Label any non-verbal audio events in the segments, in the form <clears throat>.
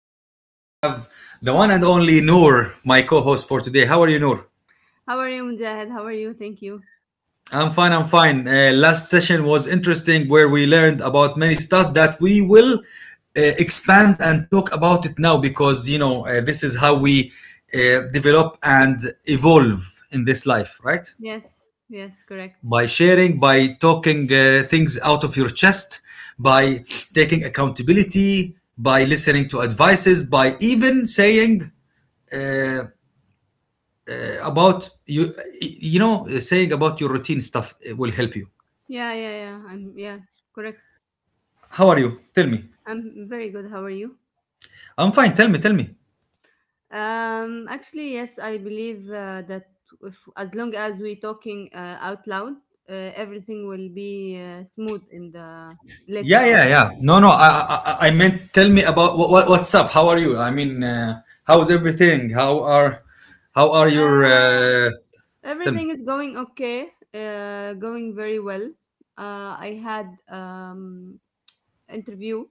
and I have the one and only Noor, my co host for today. How are you, Noor? How are you, Mujahid? How are you? Thank you. I'm fine, I'm fine. Last session was interesting where we learned about many stuff that we will expand and talk about it now because, this is how we develop and evolve in this life, right? Yes, yes, correct. By sharing, by talking things out of your chest, by taking accountability, by listening to advices, by even saying uh, about you, saying about your routine stuff it will help you. Yeah, yeah, yeah. I'm yeah, correct. How are you? Tell me. I'm very good. How are you? I'm fine. Tell me. Tell me. Actually, yes, I believe that if, as long as we talking out loud, everything will be smooth in the later Yeah, on. yeah, yeah. No, no. I meant tell me about what's up. How are you? I mean, how's everything? How are your? Uh, Tell me. Everything is going okay. Going very well. I had interview.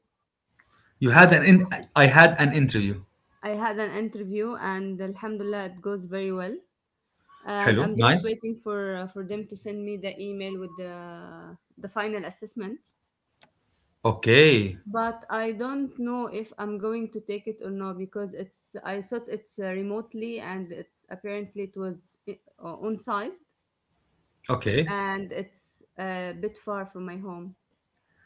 You had an in- I had an interview. I had an interview, and Alhamdulillah, it goes very well. And Hello, I'm just nice. waiting for them to send me the email with the final assessment. Okay, But I don't know if I'm going to take it or not because it's I thought it's remotely, and it's apparently it was on site, okay, and it's a bit far from my home.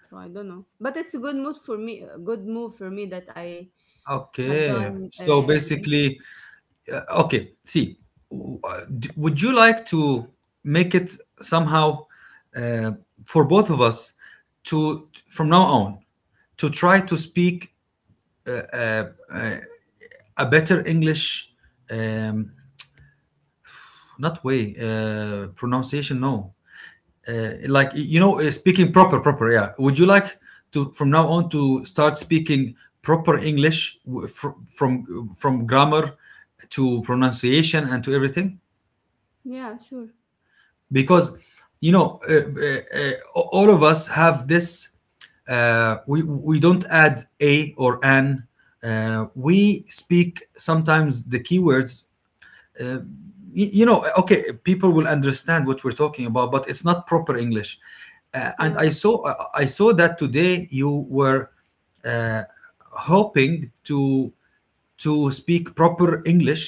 So I don't know, but it's a good move for me. A good move for me that I had okay. done. So An basically, okay, see, would you like to make it somehow uh, for both of us to, from now on, to try to speak a better English, um, not way, pronunciation, no, like speaking proper yeah, would you like to from now on to start speaking proper english from grammar to pronunciation and to everything yeah, sure. because all of us have this we don't add a or an, we speak sometimes the keywords, you know okay, people will understand what we're talking about but it's not proper english. And Yeah, I saw that today you were uh, hoping to to speak proper english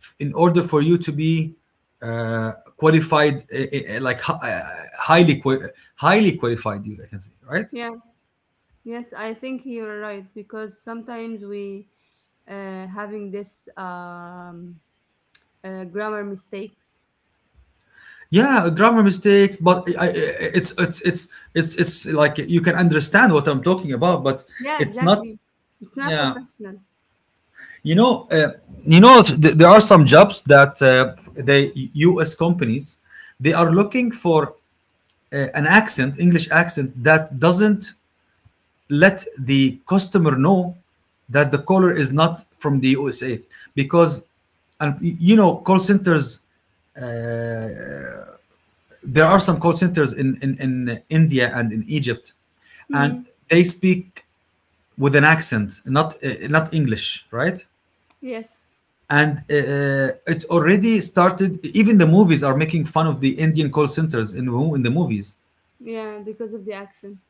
in order for you to be uh, qualified like highly qua- highly qualified, you I can say, right? yeah, yes. I think you're right because sometimes we having this grammar mistakes. Yeah, grammar mistakes, but I, I, it's it's it's it's like you can understand what I'm talking about but Yeah, it's not. exactly. It's not Yeah. professional. You know, there are some jobs that the U.S. companies they are looking for an accent, English accent that doesn't let the customer know that the caller is not from the USA because, and you know, call centers. There are some call centers in India and in Egypt, and Hmm. they speak with an accent, not English, right? Yes. And it's already started, even the movies are making fun of the indian call centers in the movies. Yeah, because of the accent.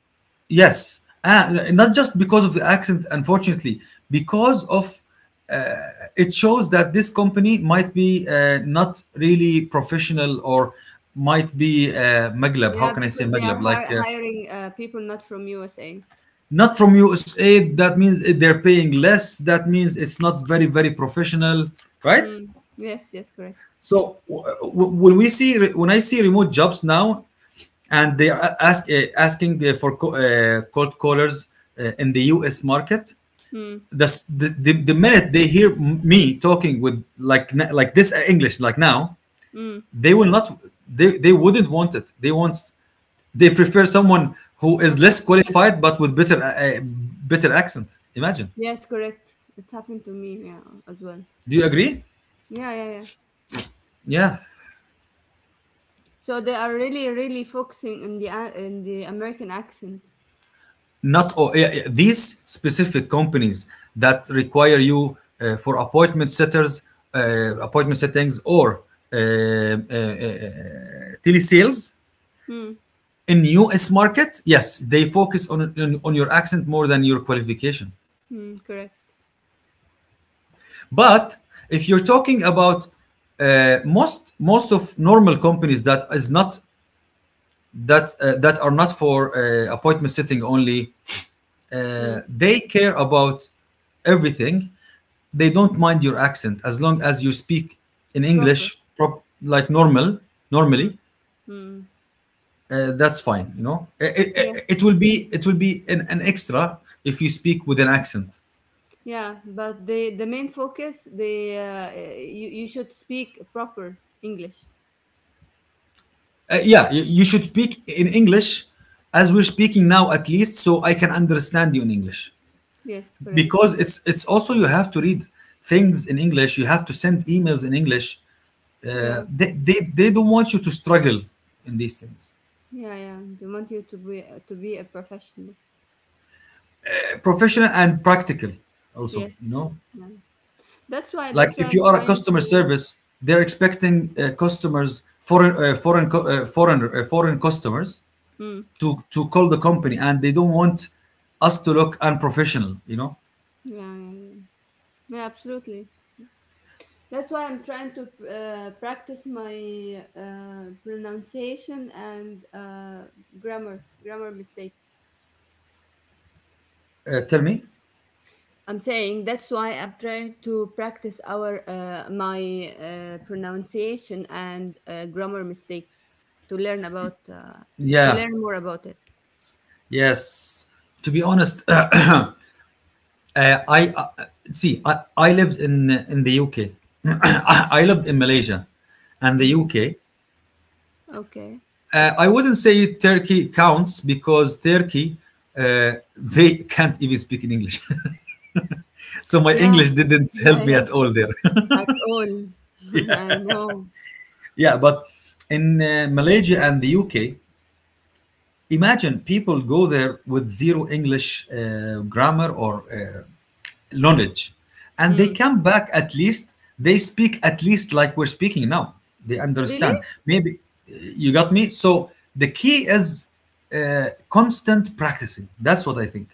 Yes, and not just because of the accent, unfortunately. Because of, it shows that this company might be not really professional or might be maglab, how Yeah, can I say because they are maglab, like hi- hiring people not from USA. not from usa, that means they're paying less, that means it's not very professional, right? Mm. Yes, yes, correct. So when we see, when I see remote jobs now, and they are asking for cold callers in the US market. Mm. The minute they hear me talking with like like this English like now, Mm. they will not they wouldn't want it. They prefer someone who is less Professional. qualified but with better better accent. Imagine. Yes, correct. It's happened to me. Yeah, as well. Do you agree? Yeah, yeah, yeah. Yeah. So they are really, really focusing on in the American accent. Not all, yeah, yeah, these specific companies that require you for appointment setters, appointment settings, or uh, uh, uh, telesales Mm. in US market, yes, they focus on your accent more than your qualification. Mm. Correct. But if you're talking about most of normal companies that is not, that that are not for appointment setting only, Mm. They care about everything, they don't mind your accent as long as you speak in Proper. english prop, like normal normally. Mm. Mm. That's fine, you know, Yeah. It will be, it will be an extra if you speak with an accent. Yeah, but the main focus, the you you should speak proper English. Yeah, you should speak in english as we're speaking now, at least so I can understand you in english, Yes, correct. because it's also you have to read things in english, you have to send emails in english. Yeah, they don't want you to struggle in these things. Yeah, yeah. They want you to be a professional. Professional and practical also, Yes, you know. yeah. That's why Like that's why if you I'm are a trying customer to. service, they're expecting customers, foreign foreign co- foreign foreign customers Mm, to call the company, and they don't want us to look unprofessional. You know, yeah, yeah, yeah. Yeah, absolutely. That's why I'm trying to practice my pronunciation and grammar mistakes. Tell me. I'm saying that's why I'm trying to practice our my pronunciation and grammar mistakes to learn to Yeah. learn more about it. Yes. To be honest, <clears throat> I see. I lived in the UK. <clears throat> I lived in Malaysia and the hmm UK. Okay. I wouldn't say Turkey counts because Turkey, they can't even speak in English. <laughs> So my Yeah, English didn't yeah, help me yeah. at all there. <laughs> At all, <laughs> I know. Yeah, but in Malaysia and the UK, imagine people go there with zero English grammar or knowledge, and they Hmm. come back at least, they speak at least like we're speaking now. They Really? understand. Maybe you got me. So the key is constant practicing. That's what I think.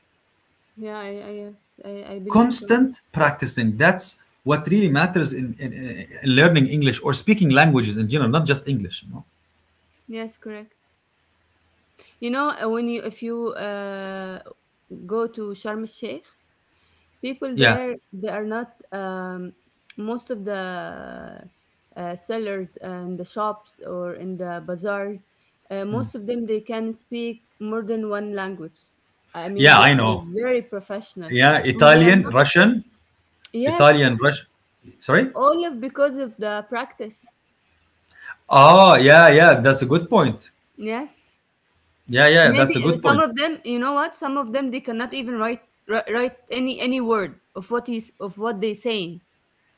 Yeah, yes, I believe so. Constant practicing, that's what really matters in learning english or speaking languages in general, not just english, you know? Yes, correct. You know, when you if you go to Sharm el Sheikh, people Yeah, there, they are not, most of the sellers and the shops or in the bazaars, most of them, they can speak more than one language. I mean, yeah, they I are know. very professional, Yeah, and they are italian, not. russian. Yes, Italian, russian, sorry. all of because of the practice. Oh yeah, yeah, that's a good point. Yes, Yeah yeah, maybe that's a good some point. of them, you know what, some of them they cannot even write any word of what is of what they saying.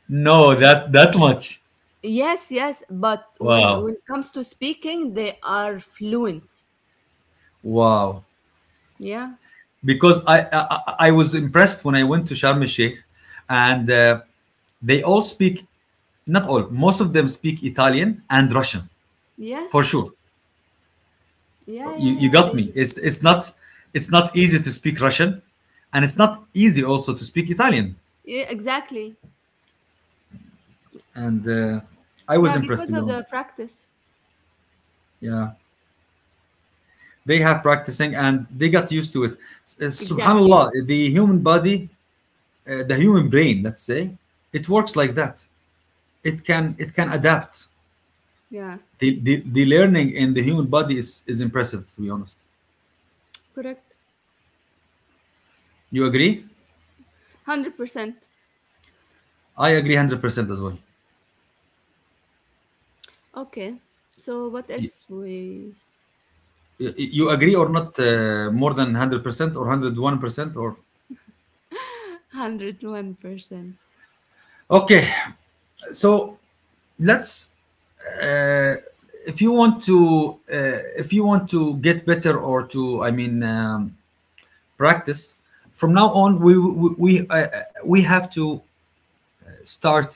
No, that that much. Yes, yes, but when Wow. when it comes to speaking, they are fluent. Wow. Yeah. Because I was impressed when I went to sharm el sheikh, and they all speak, not all, most of them speak italian and russian, for Yes. sure. Yeah, yeah, you yeah. got They me. It's not, it's not easy to speak Russian, and it's not easy also to speak Italian. yeah, exactly. And I was Yeah, impressed to because be of the honest. practice. Yeah, they have practicing and they got used to it. S- uh, Exactly. Subhanallah, the human body, the human brain, let's say, it works like that. It can adapt. Yeah. The learning in the human body is impressive to be honest. Correct. You agree? 100%. I agree 100% as well. Okay. So what else we You we can agree or not, more than 100% or 101% or <laughs> 101%. okay so let's, uh, if you want to, if you want to get better or to, I mean, practice from now on, we have to start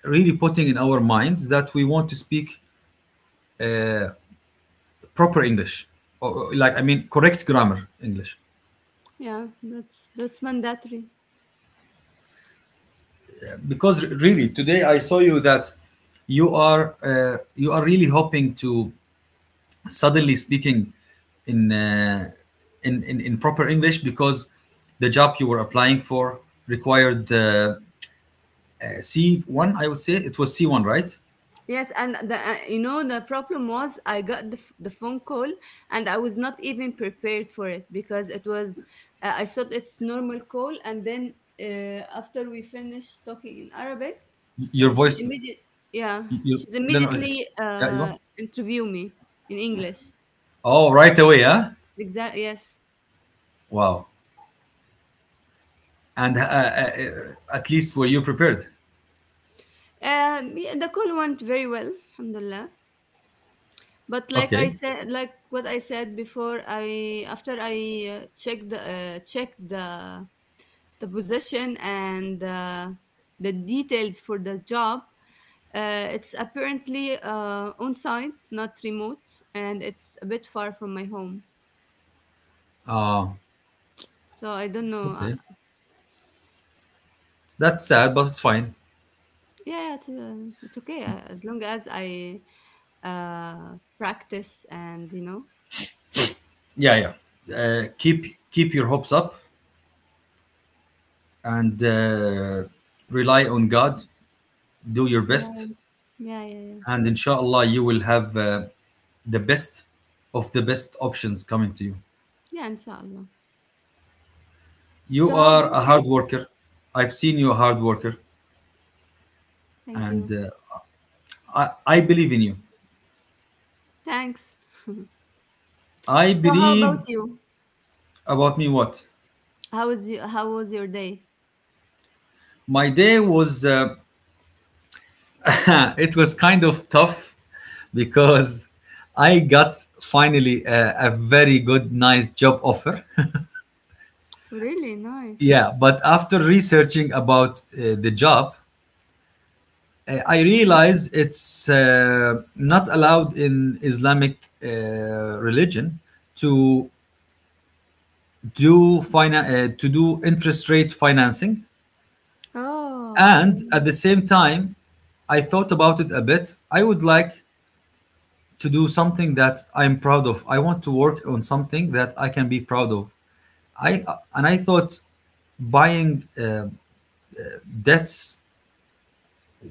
really putting in our minds that we want to speak proper english, or like I mean correct grammar english, Yeah, that's mandatory. because really today I saw you that you are, you are really hoping to suddenly speaking in, uh, in proper English, because the job you were applying for required C1, I would say it was C1, right? Yes, and the you know the problem was I got the phone call, and I was not even prepared for it because it was I thought it's normal call. And then after we finished talking in Arabic, Your she voice, immediate yeah, she's no, no, immediately it's- uh, أيوة. interview me in English. Oh, right away, huh? Exact yes. Wow. And at least were you prepared? Yeah, the call went very well, alhamdulillah. But like I Okay. said, like what I said before, I after I checked the position and the details for the job. It's apparently on site, not remote, and it's a bit far from my home. uh, So I don't know. Okay, that's sad, but it's fine. Yeah, it's okay as long as I practice and you know. Yeah yeah, keep keep your hopes up, and rely on god, do your Yeah, best, yeah, yeah, yeah. and inshallah you will have the best of the best options coming to you. Yeah, inshallah. You So how are about a hard you? worker, I've seen you a hard worker, Thank and you. I, I believe in you. Thanks. <laughs> I so how believe. about you? About me what? How was you, how was your day? My day was <coughs> <laughs> it was kind of tough because I got finally a very good nice job offer. <laughs> Really nice. Yeah, but after researching about the job, I realize it's not allowed in Islamic religion to to do interest rate financing, Oh, and yeah. at the same time, I thought about it a bit. I would like to do something that I'm proud of. I want to work on something that I can be proud of. I, and I thought buying debts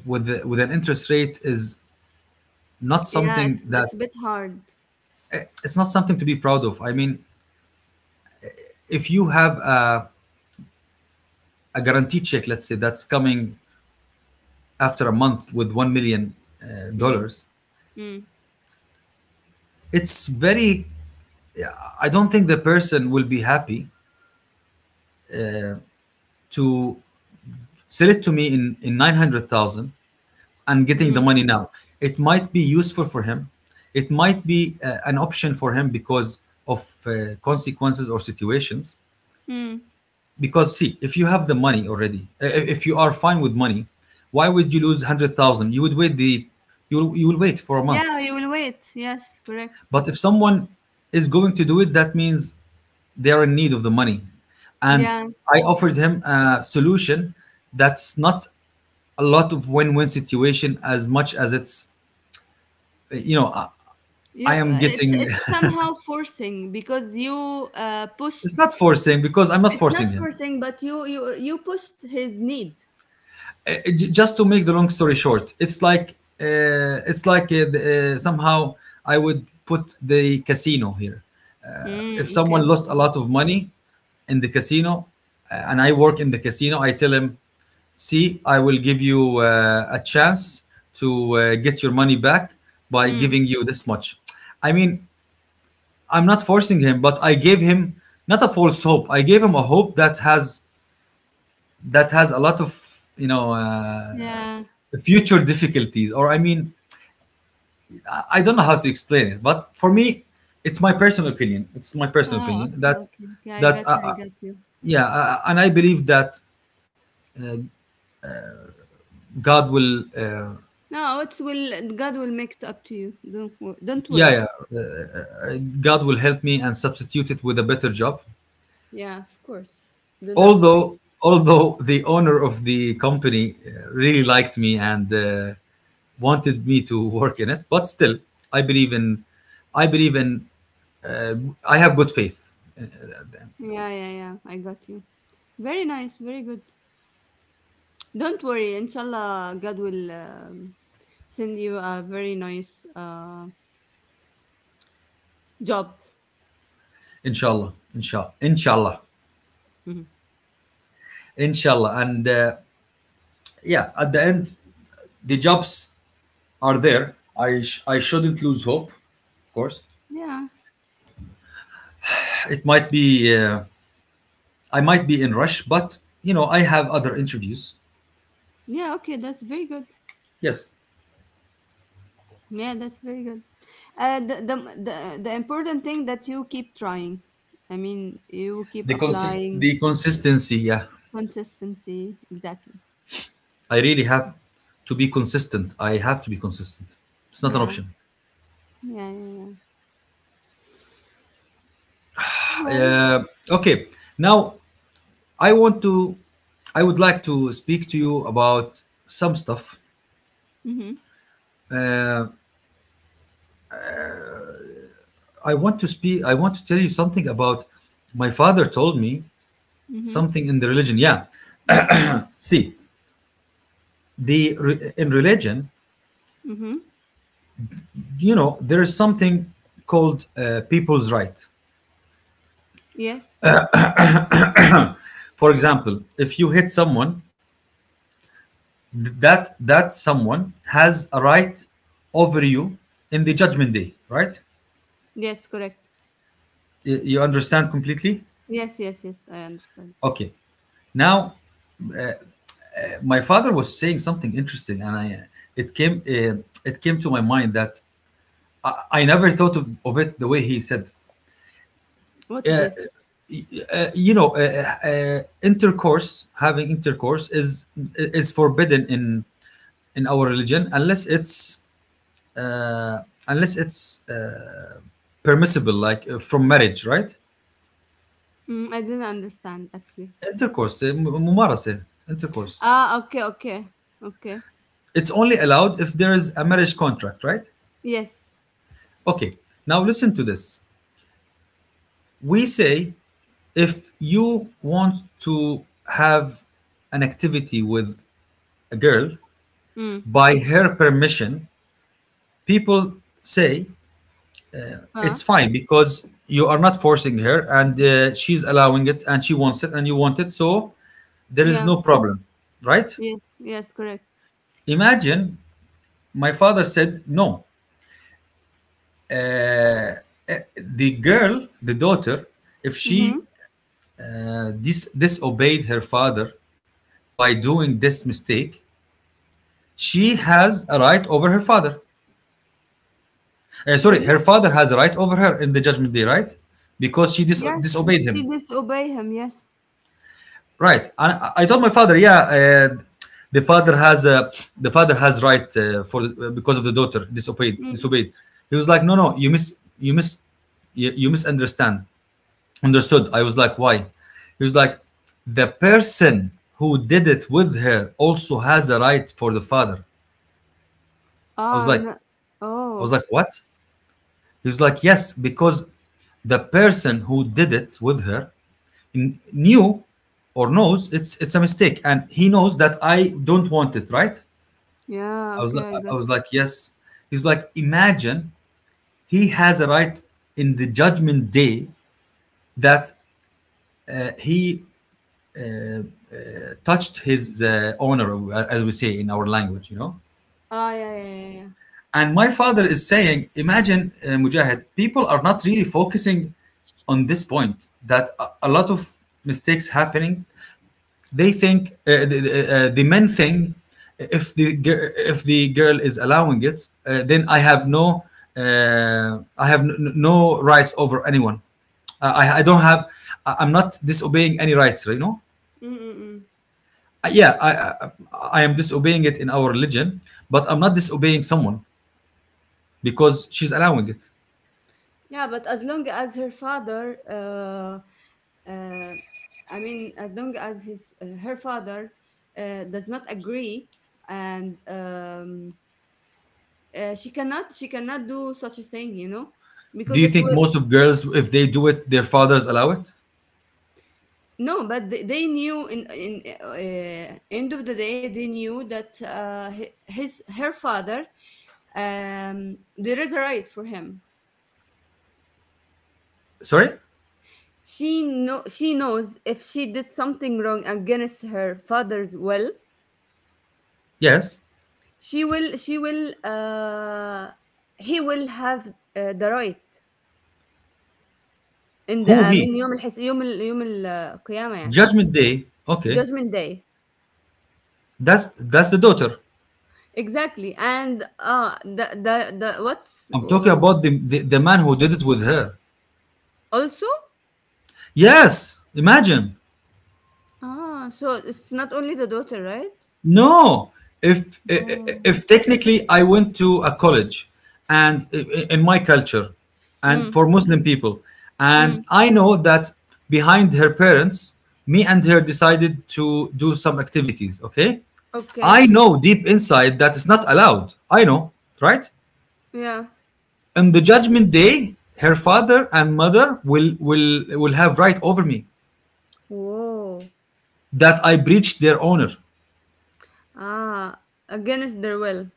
with an interest rate is not Yeah, something it's a that, bit hard. it's not something to be proud of. I mean, if you have a guaranteed check, let's say, that's coming after a month with 1 million Mm, dollars, mm, it's very. I don't think the person will be happy to sell it to me in 900,000 and getting the mm, money now. It might be useful for him. It might be an option for him because of consequences or situations. mm. Because see, if you have the money already, if you are fine with money, why would you lose 100,000? You will wait for a month. Yeah, you will wait. Yes, correct. But if someone is going to do it, that means they are in need of the money. And Yeah, I offered him a solution that's not a lot of win-win situation as much as it's, you know, you. I am getting. It's somehow forcing because you <laughs> It's pushed. not forcing because I'm not It's not forcing him. forcing, but you pushed his need. Just to make the long story short, it's like somehow I would put the casino here. If Mm, okay. someone lost a lot of money in the casino and I work in the casino, I tell him, see, I will give you a chance to get your money back by Mm, giving you this much. I mean, I'm not forcing him, but I gave him not a false hope. I gave him a hope that has a lot of you know uh, yeah. future difficulties. Or I mean, I don't know how to explain it. But for me, it's my personal opinion. It's my personal Ah, opinion okay, that okay, okay. I that uh, got you. I uh, got you. yeah, and I believe that God will uh, No, it's will. God will make it up to you. Don't don't worry. yeah, God will help me and substitute it with a better job. Yeah, of course. Do not worry. Although the owner of the company really liked me and wanted me to work in it, but still I believe in I believe in I have good faith. Yeah, yeah, yeah. I got you. Very nice, very good. Don't worry, inshallah, God will send you a very nice job. Inshallah, inshallah, inshallah, inshallah, and yeah. At the end, the jobs are there. I shouldn't lose hope. Of course, Yeah, it might be I might be in rush, but you know I have other interviews. yeah, okay, that's very good. Yes. Yeah, that's very good. Uh, the, the, the important thing that you keep trying. I mean, you keep the consist applying the consistency, yeah. consistency. Exactly. I really have to be consistent. I have to be consistent. It's not an Yeah, option. yeah, yeah, yeah. Well, Uh, okay, now I want to I would like to speak to you about some stuff. mm-hmm, I want to tell you something about my father told me mm-hmm, something in the religion, yeah. See, in religion, mm-hmm. you know, there is something called people's right. Yes, For example, if you hit someone, that someone has a right over you in the judgment day, right? yes, correct. You understand completely. Yes, yes, yes, I understand. Okay, now my father was saying something interesting and I it came uh, it came to my mind that i, I never thought of it the way he said. What's this? uh, you know uh, uh, Intercourse, having intercourse is forbidden in our religion unless it's uh, unless it's uh, permissible, like from marriage, right? Mm, I didn't understand actually. Intercourse, eh, م- ممارسة intercourse. Ah, okay, okay, okay. It's only allowed if there is a marriage contract, right? Yes. Okay. Now listen to this. We say if you want to have an activity with a girl Mm. by her permission, people say Uh, it's fine because you are not forcing her and she's allowing it and she wants it and you want it, so there is yeah. no problem, right? Yes. Yes. Correct. Imagine, my father said no. The girl, the daughter, if Mm-hmm. she disobeyed her father by doing this mistake, she has a right over her father. Sorry, Really? her father has a right over her in the judgment day, right? Because she Yes. disobeyed him, She disobey him. Yes. right? I told my father, yeah, the father has a the father has right for the, because of the daughter disobeyed Mm. disobeyed. He was like, no, no, you misunderstand. Understood. I was like, why? He was like, the person who did it with her also has a right for the father. I was Ah. like, No. I was Oh. like, what? He was like, yes, because the person who did it with her knew or knows it's a mistake, and he knows that I don't want it, right? Yeah. I was like, Okay. I got. I was like, yes. He's like, imagine, he has a right in the judgment day that he touched his honor, as we say in our language, you know. Ah. Yeah. Yeah. Yeah. Yeah. And my father is saying, imagine, Mujahid, people are not really focusing on this point that a lot of mistakes happening. They think the men think if if the girl is allowing it, then I have no I have no rights over anyone. I don't have I'm not disobeying any rights, you know. Mm-mm-mm. Yeah, I, I am disobeying it in our religion, but I'm not disobeying someone because she's allowing it. Yeah. But as long as her father, uh, I mean, as long as his her father does not agree, and she cannot do such a thing, you know, Do because you it think will. most of girls, if they do it, their fathers allow it? No. But they knew in end of the day, they knew that hi- his her father, there is a right for him. Sorry? She knows if she did something wrong against her father's will, Yes. she will she will he will have the right in the, Who I mean, he? يوم الحس يوم ال- يوم القيامة يعني, Judgment Day. Okay. judgment day. That's the daughter. Exactly, and the what's I'm talking about the man who did it with her. also. Yes. Imagine. Ah, so it's not only the daughter, right? No, Oh. if technically I went to a college, and in my culture, and Mm, for Muslim people, mm, and I know that behind her parents, me and her decided to do some activities. Okay, okay, I know deep inside that it's not allowed. I know, right? yeah. On the judgment day, her father and mother will have right over me Whoa, that I breached their honor. ah, against their will.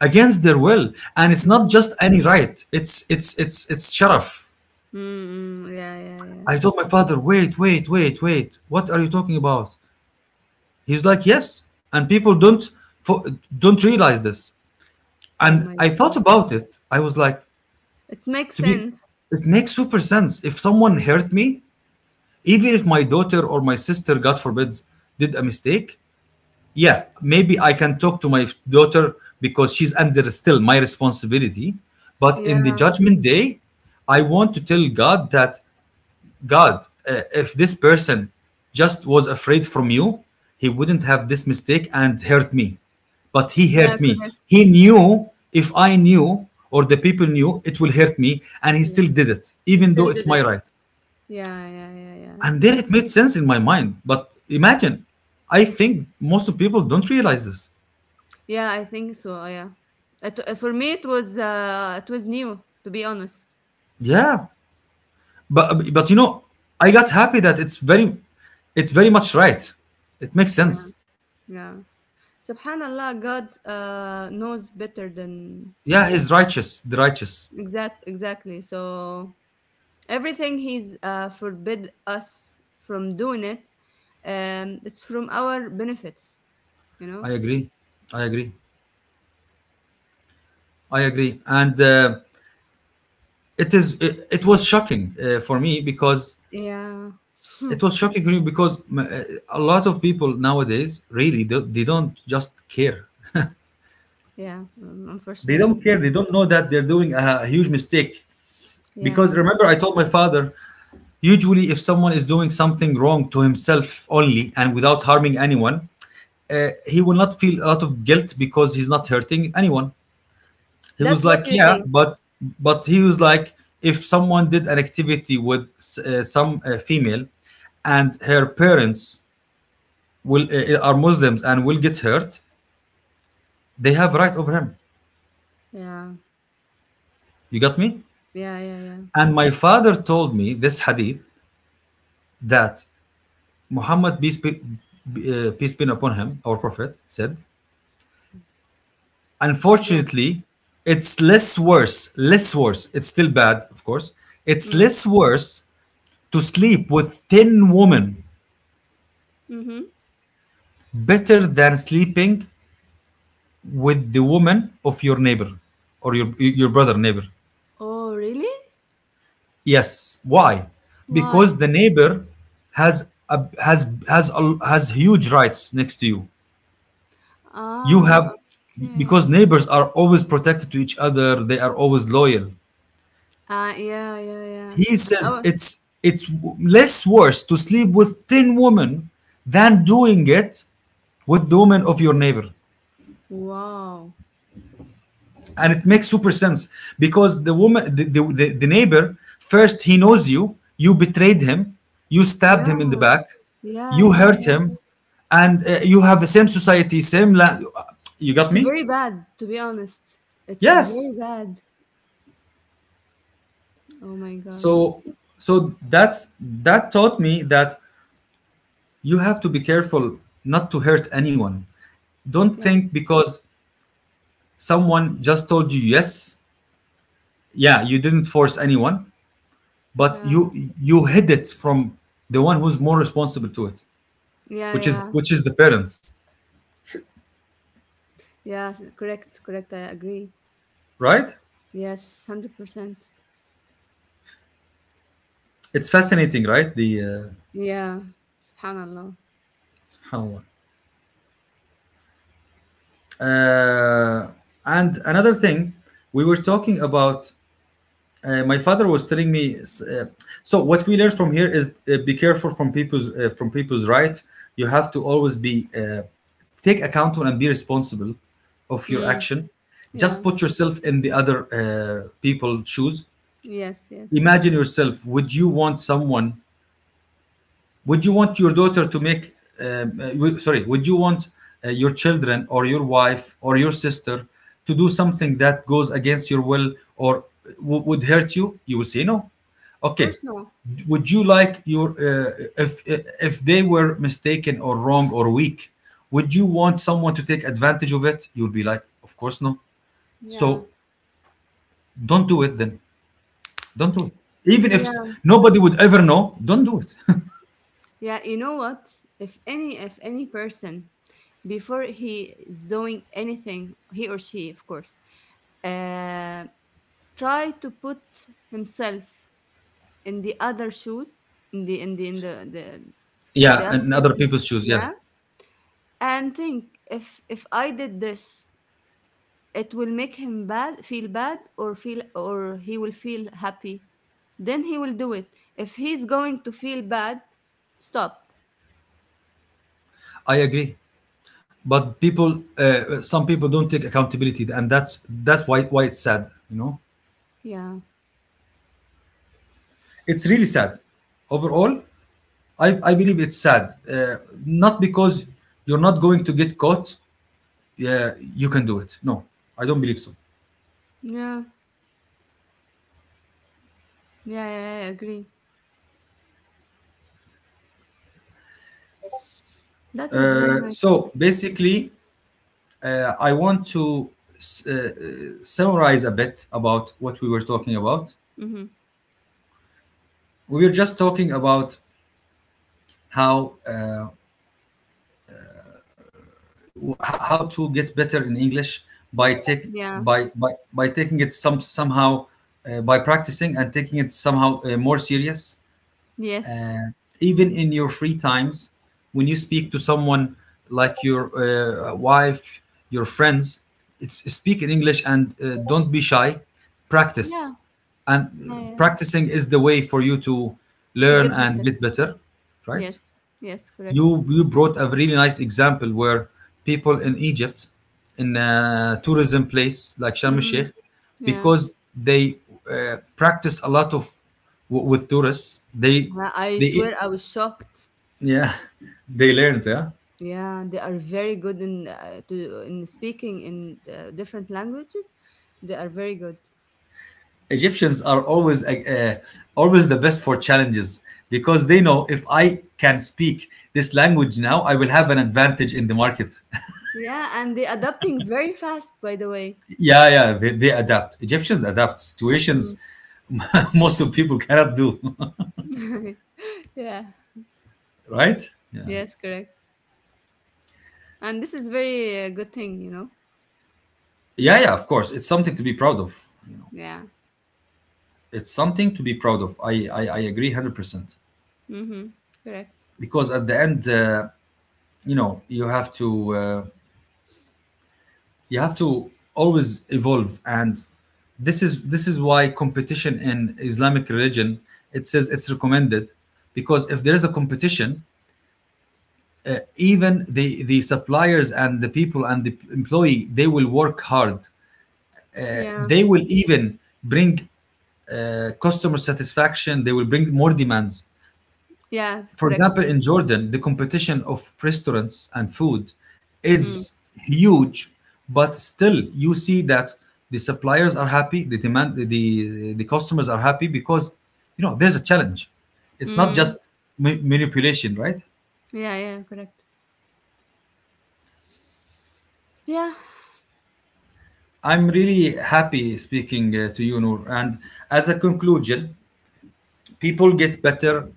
Against their will, and it's not Mm, just any right, it's sharaf. mm, mm, yeah, yeah, yeah. I told my father, wait, what are you talking about? He's like, yes, and people don't fo- don't realize this. Oh And my I thought God, about it, I was like, it makes to be sense. it makes super sense. If someone Mm, hurt me, even if my daughter or my sister, god forbids, did a mistake, yeah, maybe I can talk to my daughter because she's under still my responsibility, but in the yeah, judgment day I want to tell god that, god, if this person just was afraid from you, he wouldn't have this mistake and hurt me. But he yeah, hurt me, correct. he knew if I knew or the people knew it will hurt me, and he still Yeah, did it I even though still it's did my it. right. Yeah, yeah, yeah, yeah, And then it correct. made sense in my mind, but imagine, I think most of people don't realize this. Yeah, I think so. Yeah, for me, it was new, to be honest. Yeah. But you know, I got happy that it's very much right. It makes Yeah, sense. yeah. Subhanallah, God knows better than Yeah, he's righteous, the righteous. Exactly. So everything He's forbid us from doing it, it's from our benefits, you know. I agree. I agree. I agree. And it is. It was shocking for me because Yeah, it <laughs> was shocking for me because a lot of people nowadays really they don't just care. yeah. They don't Unfortunately, care. They don't know that they're doing a huge mistake. yeah, Because yeah, remember, I yeah. told my father, usually if someone is doing something wrong to himself only and without harming anyone, he will not feel a lot of guilt because he's not hurting anyone. He was That's what like, you yeah, think. But he was like if someone did an activity with some female and her parents will are muslims and will get hurt, they have right over him. Yeah, You got me? yeah, yeah, yeah, And my father told me this hadith that Muhammad, peace be, peace be upon him, our prophet, said, yeah. unfortunately, it's less worse, less worse. It's still bad, of course. It's Mm. less worse to sleep with 10 women Mm-hmm. better than sleeping with the woman of your neighbor or your brother neighbor. Oh, really? Yes, why? Why? Because the neighbor has has huge rights next to you. You Ah, have because okay. neighbors are always protected to each other, they are always loyal. Ah, yeah, yeah, yeah. He And says, our it's less worse to sleep with 10 women than doing it with the woman of your neighbor. wow. And it makes super sense because the woman, the neighbor, first, he knows you, you betrayed him, you stabbed Yeah. him in the back, Yeah, you yeah, hurt yeah. him, and you have the same society, same land. You got It's me? very bad, to be honest. It's Yes. very bad. Oh my God. So, so that's that taught me that you have to be careful not to hurt anyone. Don't Yeah, think because someone just told you yes, yeah, you didn't force anyone, but yeah, you hid it from the one who's more responsible to it, yeah, yeah. which is the parents, Yeah, correct, correct. I agree. right? Yes, 100%. It's fascinating, right? The Yeah, subhanallah. subhanallah. Uh, and another thing we were talking about, uh, my father was telling me. Uh, so what we learn from here is be careful from people's right. You have to always be uh, take accountable and be responsible of your Mm, action. Just yeah, put yourself in the other people shoes. yes, yes. Imagine yourself. Would you want someone would you want your daughter to make w- sorry would you want your children or your wife or your sister to do something that goes against your will or would hurt you, you will say no, Of okay. course, no. Would you like your if they were mistaken or wrong or weak, would you want someone to take advantage of it? You would be like, of course no. So Yeah, don't do it then. Don't do it, even if yeah, nobody would ever know. Don't do it. <laughs> yeah. You know what? If any person, before he is doing anything, he or she, of course, uh, try to put himself in the other shoes, in the in the in the the, the Yeah, other and other person. people's shoes, yeah. Yeah, and think, if I did this, it will make him bad feel bad, or he will feel happy, then he will do it. If he's going to feel bad, stop. I agree, but people, some people don't take accountability, and that's why it's sad, you know. Yeah, It's really sad overall. I believe it's sad, not because you're not going to get caught. Yeah, you can do it. No, I don't believe so. yeah, yeah, yeah, I agree. That was very uh, nice so topic. basically, I want to summarize a bit about what we were talking about. Mm-hmm. We were just talking about how, how to get better in English by Yeah, by by, by taking it some somehow, by practicing and taking it somehow more serious. yes. Even in your free times, when you speak to someone like your wife, your friends, it's, speak in English and don't be shy. Yeah, Practice. And yeah, yeah, practicing is the way for you to to learn get and better. get better, right? Yes, yes, correct. You brought a really nice example where people in Egypt, in a tourism place like Sharm el Mm, Sheikh, yeah. because they practiced a lot of with tourists, they Yeah, I they swear I was shocked. yeah. <laughs> They learned, yeah. Yeah, they are very good in, in speaking in different languages. They are very good. Egyptians are always always the best for challenges, because they know, if I can speak this language now, I will have an advantage in the market. <laughs> Yeah, and they adapting very fast, by the way. Yeah, yeah, they adapt. Egyptians adapt situations Mm. <laughs> most of people cannot do. <laughs> <laughs> yeah. Right, yeah. Yes, correct. And this is very good thing. Yeah, yeah, of course, it's something to be proud of, you know. Yeah. It's something to be proud of. I agree 100%, Mm-hmm. Correct. because at the end, you know, you have to, uh, you have to always evolve. And this is why competition in Islamic religion, it says, it's recommended, because if there is a competition, even the suppliers and the people and the employee, they will work hard. Yeah. They will even bring customer satisfaction, they will bring more demands. Yeah. For Correct. example, in Jordan, the competition of restaurants and food Mm. is huge, but still, you see that the suppliers are happy, the demand, the the customers are happy, because you know there's a challenge. It's not Mm. just manipulation, right? Yeah. Yeah. Correct. Yeah. I'm really happy speaking to you, Noor. And as a conclusion, people get better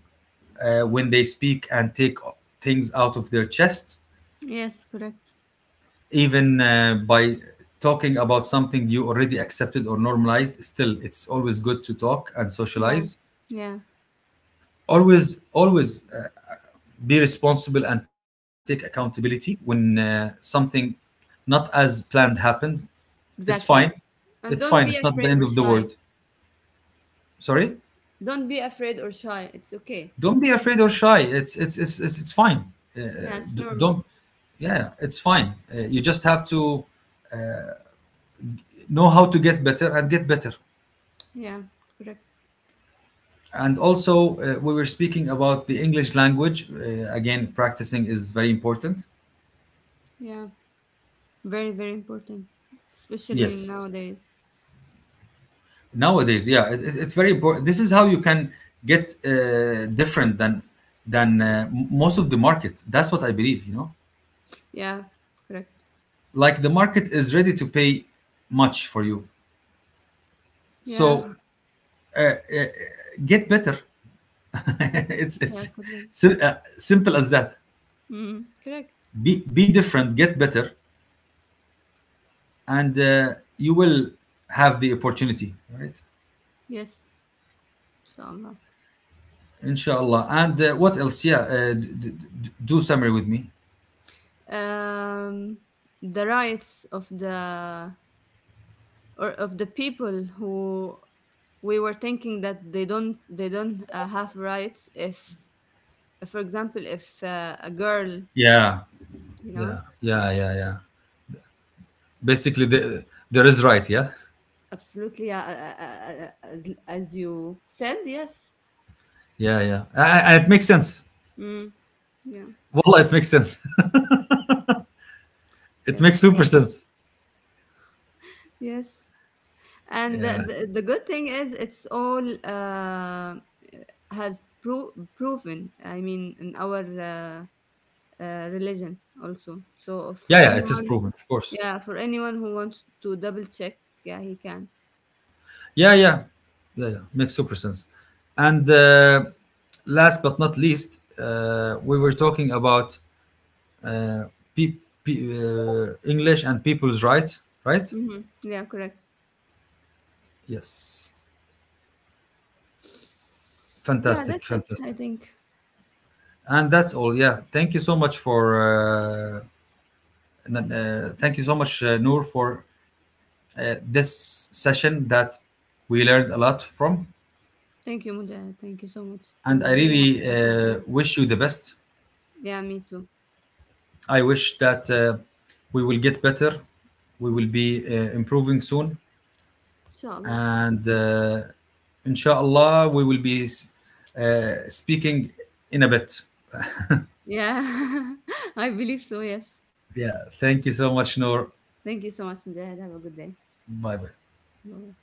when they speak and take things out of their chest. Yes. Correct. Even by talking about something you already accepted or normalized, still it's always good to talk and Yeah. socialize. Yeah. Always, always be responsible and take accountability when something not as planned happened. It's Exactly. fine. Yes. It's And fine, don't be it's not the afraid end or of the shy. world. Sorry. Don't be afraid or shy. It's okay. Don't be afraid or shy, it's fine. uh, Yeah, it's d- normal. don't yeah it's fine, you just have to know how to get better and get better. Yeah, correct. And also, we were speaking about the English language. Again, practicing is very important. Yeah, very, very important, especially Yes, nowadays. nowadays, yeah, it's very important. This is how you can get different than most of the market. That's what I believe, you know. Yeah, correct. Like, the market is ready to pay much for you. Yeah, So, uh, get better. <laughs> it's <laughs> yeah, it's correct. Simple as that. Mm, correct. be be different, get better, and you will have the opportunity, right? Yes, inshallah. Inshallah. And what else? Yeah, do summary with me. Um, the rights of the or of the people who we were thinking that they don't have rights. If for example, if a girl Yeah, you know yeah, yeah, yeah, yeah. Basically, there is right. Yeah, Absolutely, as you said, yes. yeah, yeah. And it makes sense. Mm, yeah, Wallah, it makes sense. <laughs> It yes, makes super correct. sense. Yes. And Yeah, the good thing is it's all has proven, I mean, in our religion also. So for yeah, yeah. It is anyone, proven, of course. yeah, for anyone who wants to double check, yeah, he can. Yeah, yeah, yeah, yeah. Makes super sense. And last but not least, we were talking about, uh, pe- English and people's rights, right? hmm Yeah, correct. Yes. Yeah, Fantastic, that's it, I fantastic. think. And that's all. Yeah. Thank you so much for. Thank you so much, Noor, for this session that we learned a lot from. Thank you, Muda. Thank you so much. I And I was really happy really talking to you. wish you the best. Yeah, me too. I wish that we will get better. We will be improving soon. Inshallah. And inshallah, we will be speaking in a bit. Yeah, <laughs> I believe so. Yes. Yeah. Thank you so much, Noor. Thank you so much, Mujahid. Have a good day. Bye bye. Bye.